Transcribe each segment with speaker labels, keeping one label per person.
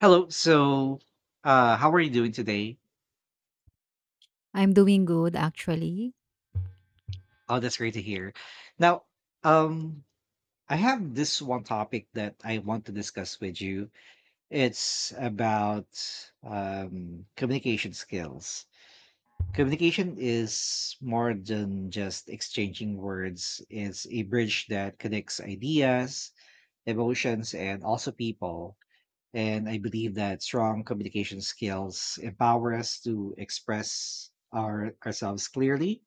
Speaker 1: Hello. So, how are you doing today?
Speaker 2: I'm doing good actually.
Speaker 1: Oh, that's great to hear. Now, um, I have this one topic that I want to discuss with you. It's about communication skills. Communication is more than just exchanging words. It's a bridge that connects ideas, emotions, and also people. And I believe that strong communication skills empower us to express ourselves clearly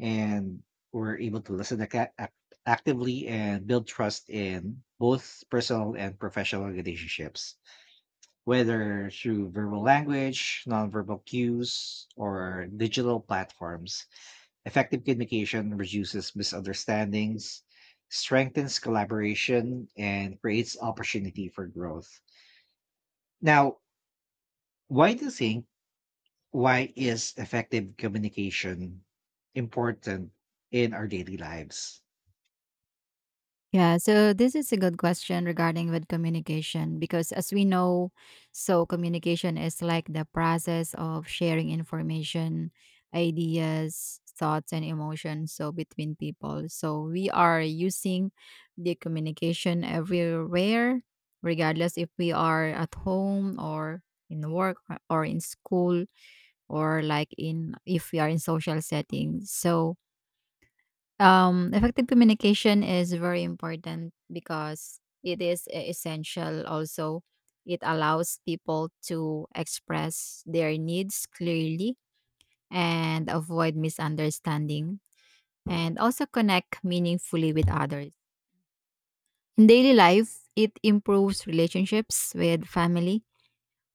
Speaker 1: and we're able to listen actively and build trust in both personal and professional relationships, whether through verbal language, nonverbal cues, or digital platforms. Effective communication reduces misunderstandings, strengthens collaboration, and creates opportunity for growth. Now, why do you think why is effective communication important in our daily lives?
Speaker 2: Yeah, so this is a good question regarding with communication because as we know, so communication is like the process of sharing information, ideas, thoughts and emotions so between people. So we are using the communication everywhere regardless if we are at home or in work or in school or like in if we are in social settings. Effective communication is very important because it is essential. Also, it allows people to express their needs clearly and avoid misunderstanding and also connect meaningfully with others. In daily life, it improves relationships with family,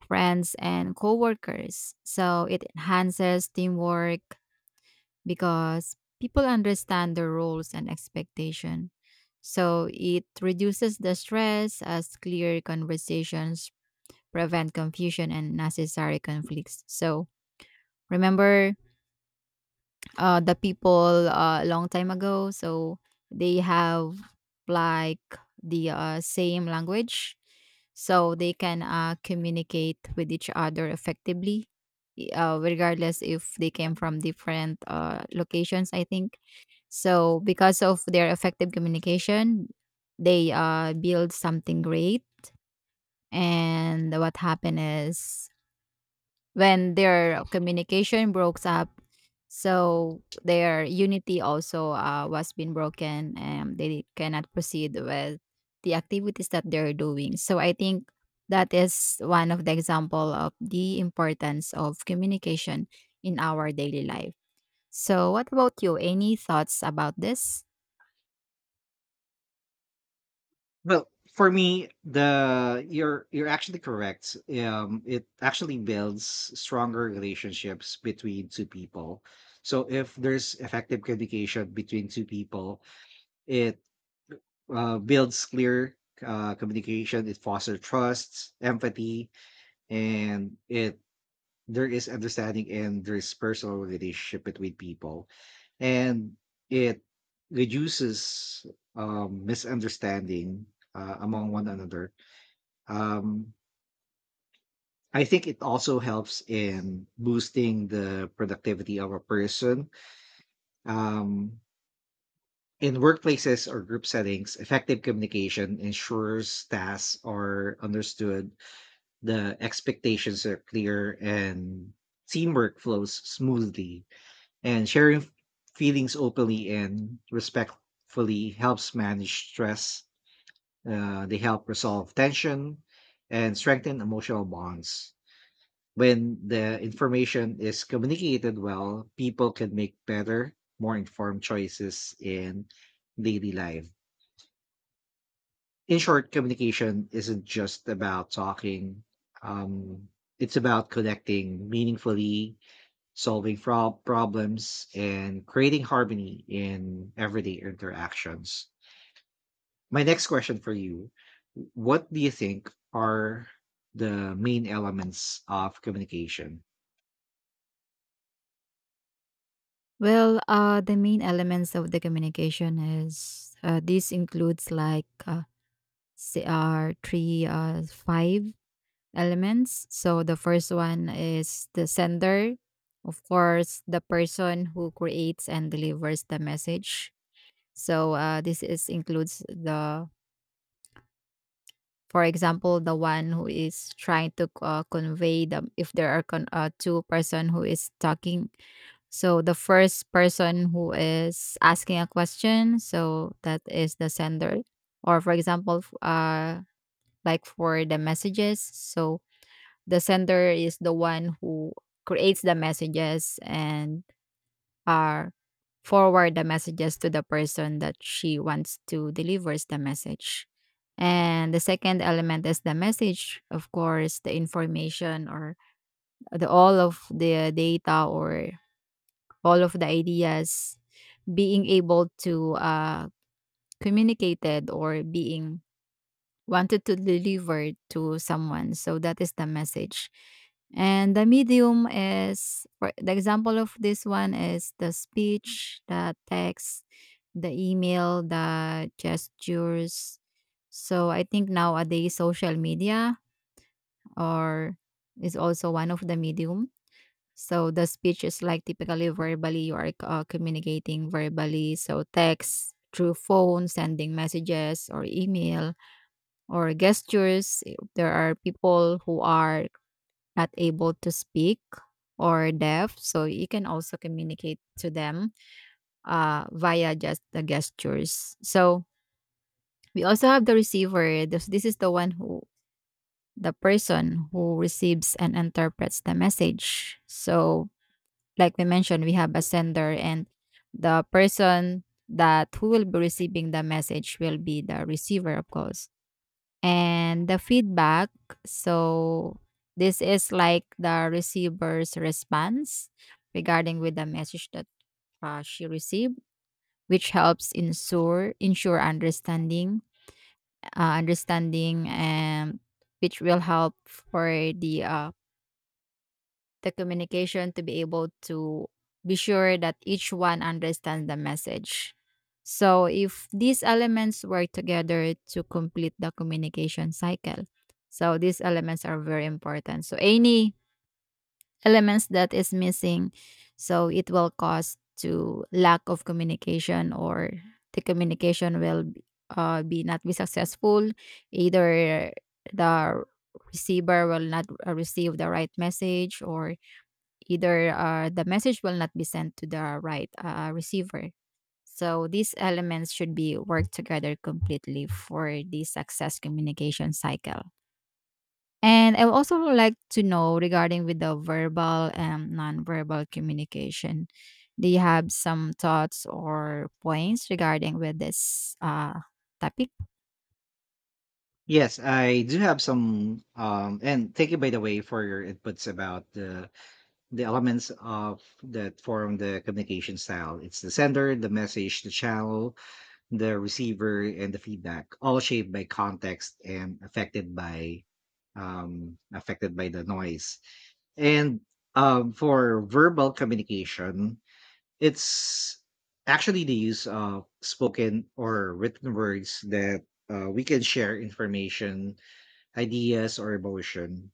Speaker 2: friends, and coworkers. So, it enhances teamwork because people understand their roles and expectation. So it reduces the stress as clear conversations prevent confusion and necessary conflicts. So remember the people a long time ago. So they have like the same language, so they can communicate with each other effectively, regardless if they came from different locations. I think so because of their effective communication, they build something great. And what happened is when their communication broke up so their unity also was being broken and they cannot proceed with the activities that they're doing. So I think that is one of the example of the importance of communication in our daily life. So what about you, any thoughts about this?
Speaker 1: Well, for me, the you're actually correct. It actually builds stronger relationships between two people. So if there's effective communication between two people, it builds clear communication. It fosters trust, empathy, and it there is understanding and there is personal relationship between people and it reduces misunderstanding among one another. um, I think it also helps in boosting the productivity of a person. um, in workplaces or group settings, effective communication ensures tasks are understood, the expectations are clear, and teamwork flows smoothly. And sharing feelings openly and respectfully helps manage stress. They help resolve tension and strengthen emotional bonds. When the information is communicated well, people can make better, more informed choices in daily life. In short, communication isn't just about talking, um, it's about connecting meaningfully, solving problems, and creating harmony in everyday interactions. My next question for you: what do you think are the main elements of communication?
Speaker 2: Well, the main elements of the communication is, this includes like, say, three five elements. So the first one is the sender, of course, the person who creates and delivers the message. So this is includes the, for example, the one who is trying to convey the, if there are two-person who is talking. So the first person who is asking a question, so that is the sender. Or for example, like for the messages, so the sender is the one who creates the messages and are forward the messages to the person that she wants to delivers the message. And the second element is the message, of course, the information or the all of the data or all of the ideas being able to communicated or being wanted to deliver to someone. So that is the message. And the medium is, for the example of this one is the speech, the text, the email, the gestures. So I think nowadays social media or is also one of the medium. So the speech is like typically verbally, you are communicating verbally. So text through phone, sending messages or email or gestures. Eh, there are people who are not able to speak or deaf, so you can also communicate to them via just the gestures. So we also have the receiver. This is the one who, the person who receives and interprets the message. So, like we mentioned, we have a sender and the person that who will be receiving the message will be the receiver, of course. And the feedback, so this is like the receiver's response regarding with the message that she received, which helps ensure understanding, understanding, and which will help for the communication to be able to be sure that each one understands the message. So, if these elements work together to complete the communication cycle, so these elements are very important. So, any elements that is missing, so it will cause to lack of communication or the communication will be not be successful. Either the receiver will not receive the right message or either the message will not be sent to the right receiver. So these elements should be worked together completely for the success communication cycle. And I would also like to know regarding with the verbal and nonverbal communication. Do you have some thoughts or points regarding with this topic?
Speaker 1: Yes, I do have some. And thank you, by the way, for your inputs about the elements of that form the communication style. It's the sender, the message, the channel, the receiver, and the feedback, all shaped by context and affected by affected by the noise. And for verbal communication, it's actually the use of spoken or written words that we can share information, ideas, or emotion.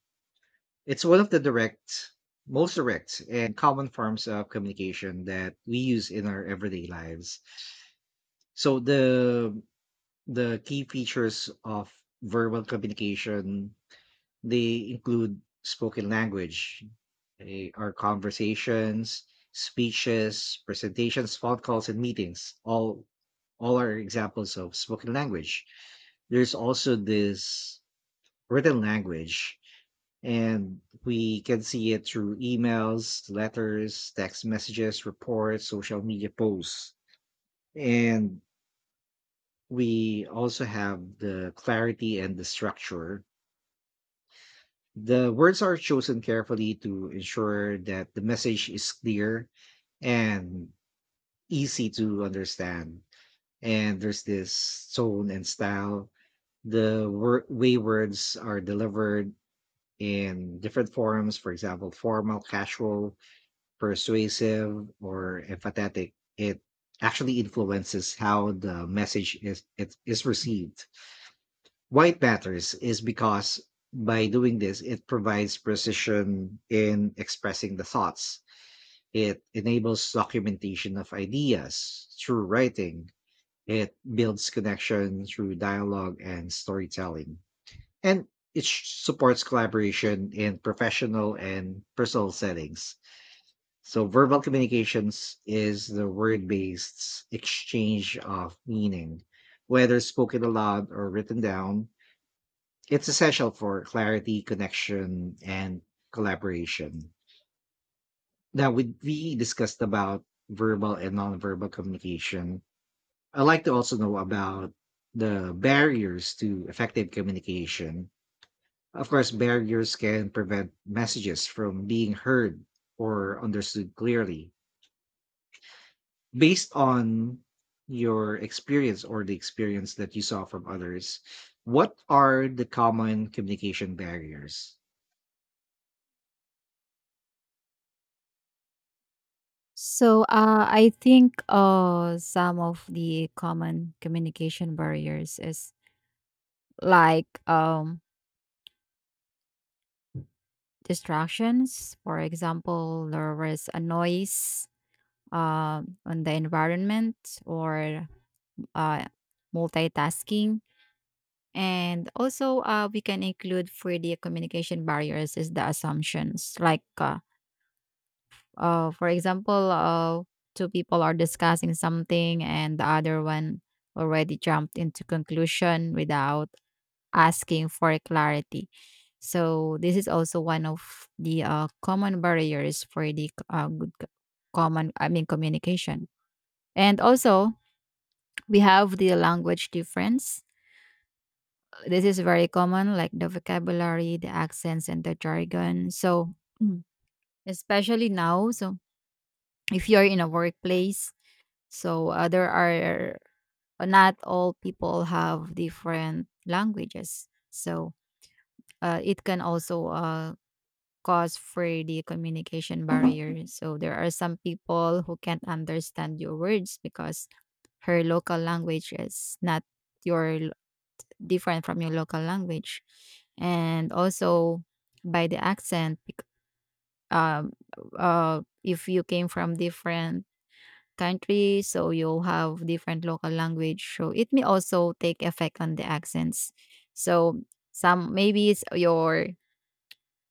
Speaker 1: It's one of the direct most direct and common forms of communication that we use in our everyday lives. So the key features of verbal communication, they include spoken language, our conversations, speeches, presentations, phone calls, and meetings. All are examples of spoken language. There's also this written language, and we can see it through emails, letters, text messages, reports, social media posts. And we also have the clarity and the structure. The words are chosen carefully to ensure that the message is clear and easy to understand. And there's this tone and style. The way words are delivered in different forms, for example, formal, casual, persuasive, or emphatic, it actually influences how the message is it is received. Why it matters is because by doing this, it provides precision in expressing the thoughts. It enables documentation of ideas through writing. It builds connection through dialogue and storytelling. And it supports collaboration in professional and personal settings. So, verbal communications is the word based exchange of meaning, whether spoken aloud or written down. It's essential for clarity, connection, and collaboration. Now, we discussed about verbal and nonverbal communication. I'd like to also know about the barriers to effective communication. Of course, barriers can prevent messages from being heard or understood clearly. Based on your experience or the experience that you saw from others, what are the common communication barriers?
Speaker 2: So I think some of the common communication barriers is like distractions. For example, there was a noise on the environment or uh, multitasking. And also, we can include 3D communication barriers is the assumptions. For example, two people are discussing something and the other one already jumped into conclusion without asking for clarity. So this is also one of the common barriers for the good c- common I mean communication. And also we have the language difference. This is very common, like the vocabulary, the accents, and the jargon. So Mm. Especially now, so if you're in a workplace, so there are, not all people have different languages. So it can also cause for the communication barrier. So there are some people who can't understand your words because her local language is not your lo- different from your local language. And also by the accent, um, if you came from different countries, so you'll have different local language so it may also take effect on the accents. So some, maybe it's your,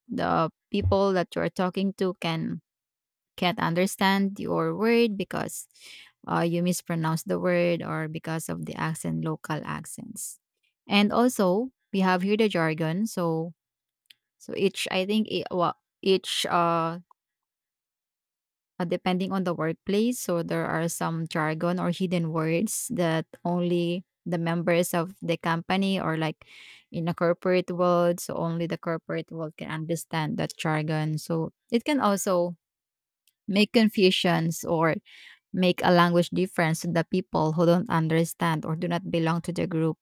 Speaker 2: the people that you're talking to can't understand your word because you mispronounce the word or because of the accent, local accents. And also, we have here the jargon. So, so each, I think it, each depending on the workplace, so there are some jargon or hidden words that only the members of the company or like in a corporate world, so only the corporate world can understand that jargon. So it can also make confusions or make a language difference to the people who don't understand or do not belong to the group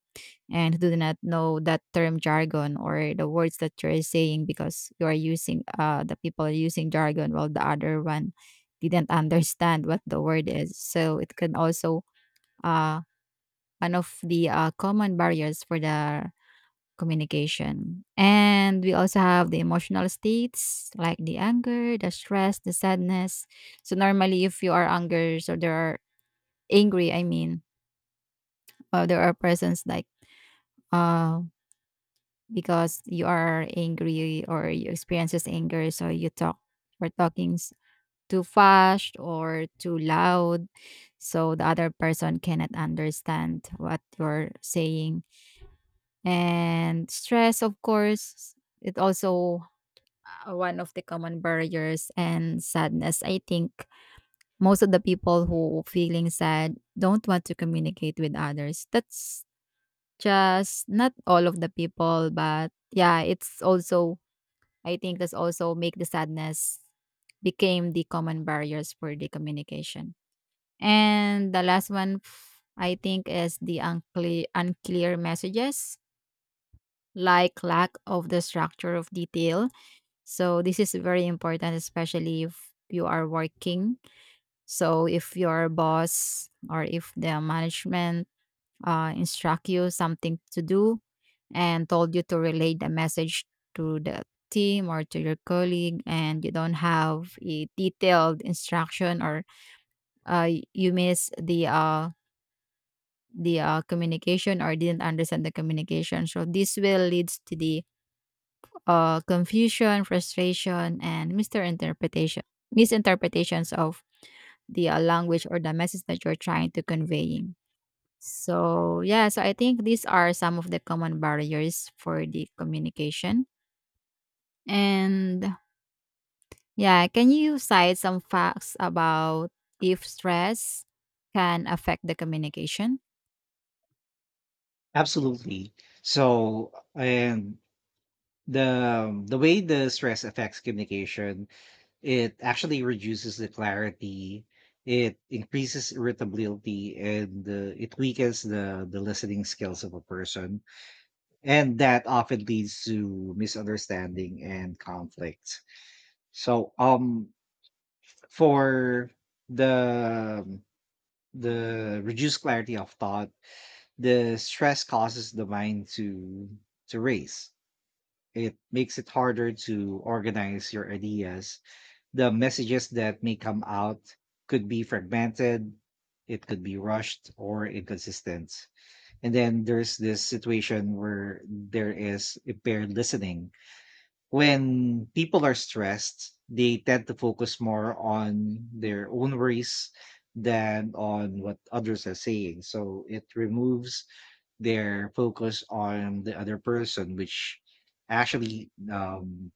Speaker 2: and who do not know that term jargon or the words that you're saying because you are using the people are using jargon while the other one didn't understand what the word is. So it can also, uh one of the common barriers for the communication. And we also have the emotional states like the anger, the stress, the sadness. So normally if you are anger, so there are, angry, I mean. There are persons like uh because you are angry or you experiences anger, so you talk or too fast or too loud, so the other person cannot understand what you're saying. And stress, of course, it also one of the common barriers and sadness. I think most of the people who feeling sad don't want to communicate with others. That's, just not all of the people, but yeah, it's also, I think that's also make the sadness became the common barriers for the communication. And the last one I think is the unclear messages like lack of the structure of detail. So this is very important especially if you are working. So if your boss or if the management instruct you something to do and told you to relay the message to the team or to your colleague and you don't have a detailed instruction or, you miss the communication or didn't understand the communication, so this will leads to the confusion, frustration and misinterpretations of the language or the message that you're trying to conveying. So yeah, so I think these are some of the common barriers for the communication. And yeah, can you cite some facts about if stress can affect the communication?
Speaker 1: Absolutely. So, and the way the stress affects communication, it actually reduces the clarity, it increases irritability, and it weakens the listening skills of a person, and that often leads to misunderstanding and conflict. So, for the reduced clarity of thought, the stress causes the mind to race. It makes it harder to organize your ideas. The messages that may come out could be fragmented, it could be rushed or inconsistent. And then there's this situation where there is impaired listening. When people are stressed, they tend to focus more on their own worries than on what others are saying. So it removes their focus on the other person, which actually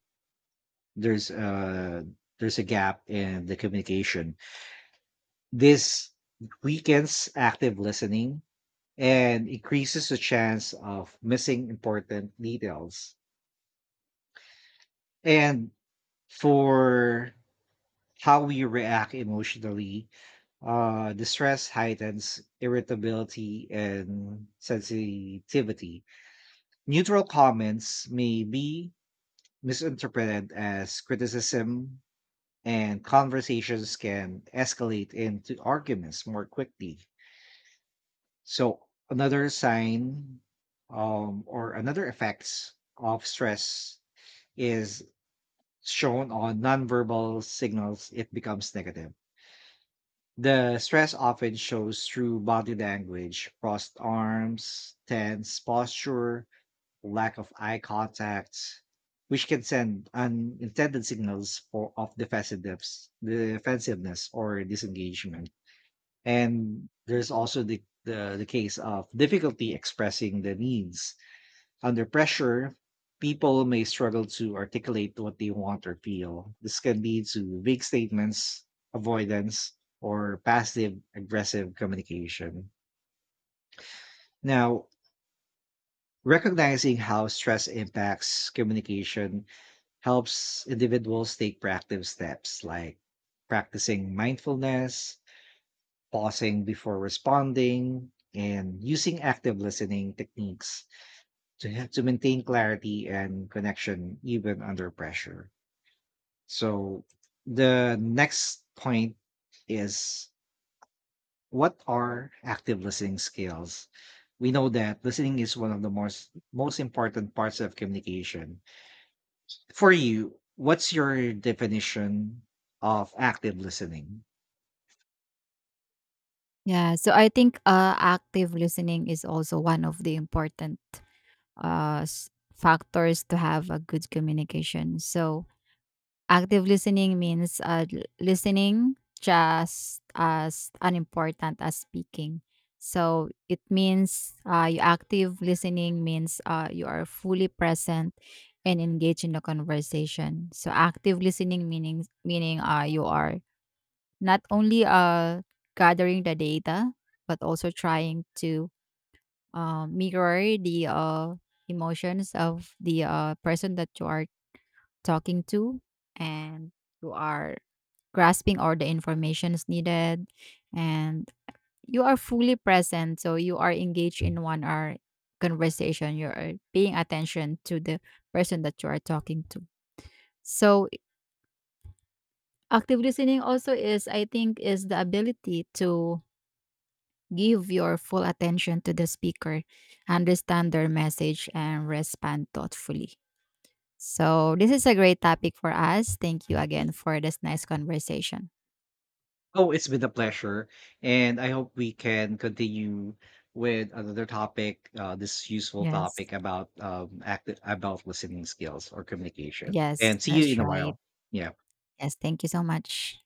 Speaker 1: there's a gap in the communication. This weakens active listening and increases the chance of missing important details. And for how we react emotionally, the stress heightens irritability and sensitivity. Neutral comments may be misinterpreted as criticism, and conversations can escalate into arguments more quickly. So, another sign or another effects of stress is shown on nonverbal signals, it becomes negative. The stress often shows through body language, crossed arms, tense posture, lack of eye contact, which can send unintended signals for of defensiveness, or disengagement. And there's also the case of difficulty expressing the needs under pressure. People may struggle to articulate what they want or feel. This can lead to vague statements, avoidance, or passive aggressive communication. Now, recognizing how stress impacts communication helps individuals take proactive steps like practicing mindfulness, pausing before responding, and using active listening techniques to, to maintain clarity and connection even under pressure. So, the next point is, what are active listening skills? We know that listening is one of the most important parts of communication. For you, what's your definition of active listening?
Speaker 2: Yeah, so I think active listening is also one of the important factors to have a good communication. So active listening means listening just as unimportant as speaking. So it means, you, active listening means you are fully present and engaged in the conversation. So active listening meaning you are not only gathering the data but also trying to mirror the emotions of the person that you are talking to, and you are grasping all the information is needed, and you are fully present, so you are engaged in 1 hour conversation. You're paying attention to the person that you are talking to. So active listening also is, I think, is the ability to give your full attention to the speaker, understand their message and respond thoughtfully. So this is a great topic for us. Thank you again for this nice conversation.
Speaker 1: Oh, it's been a pleasure. And I hope we can continue with another topic, this useful
Speaker 2: Yes,
Speaker 1: topic about active about listening skills or communication.
Speaker 2: yes,
Speaker 1: And see you in
Speaker 2: that's
Speaker 1: a
Speaker 2: right.
Speaker 1: while. Yeah.
Speaker 2: Yes, thank you so much.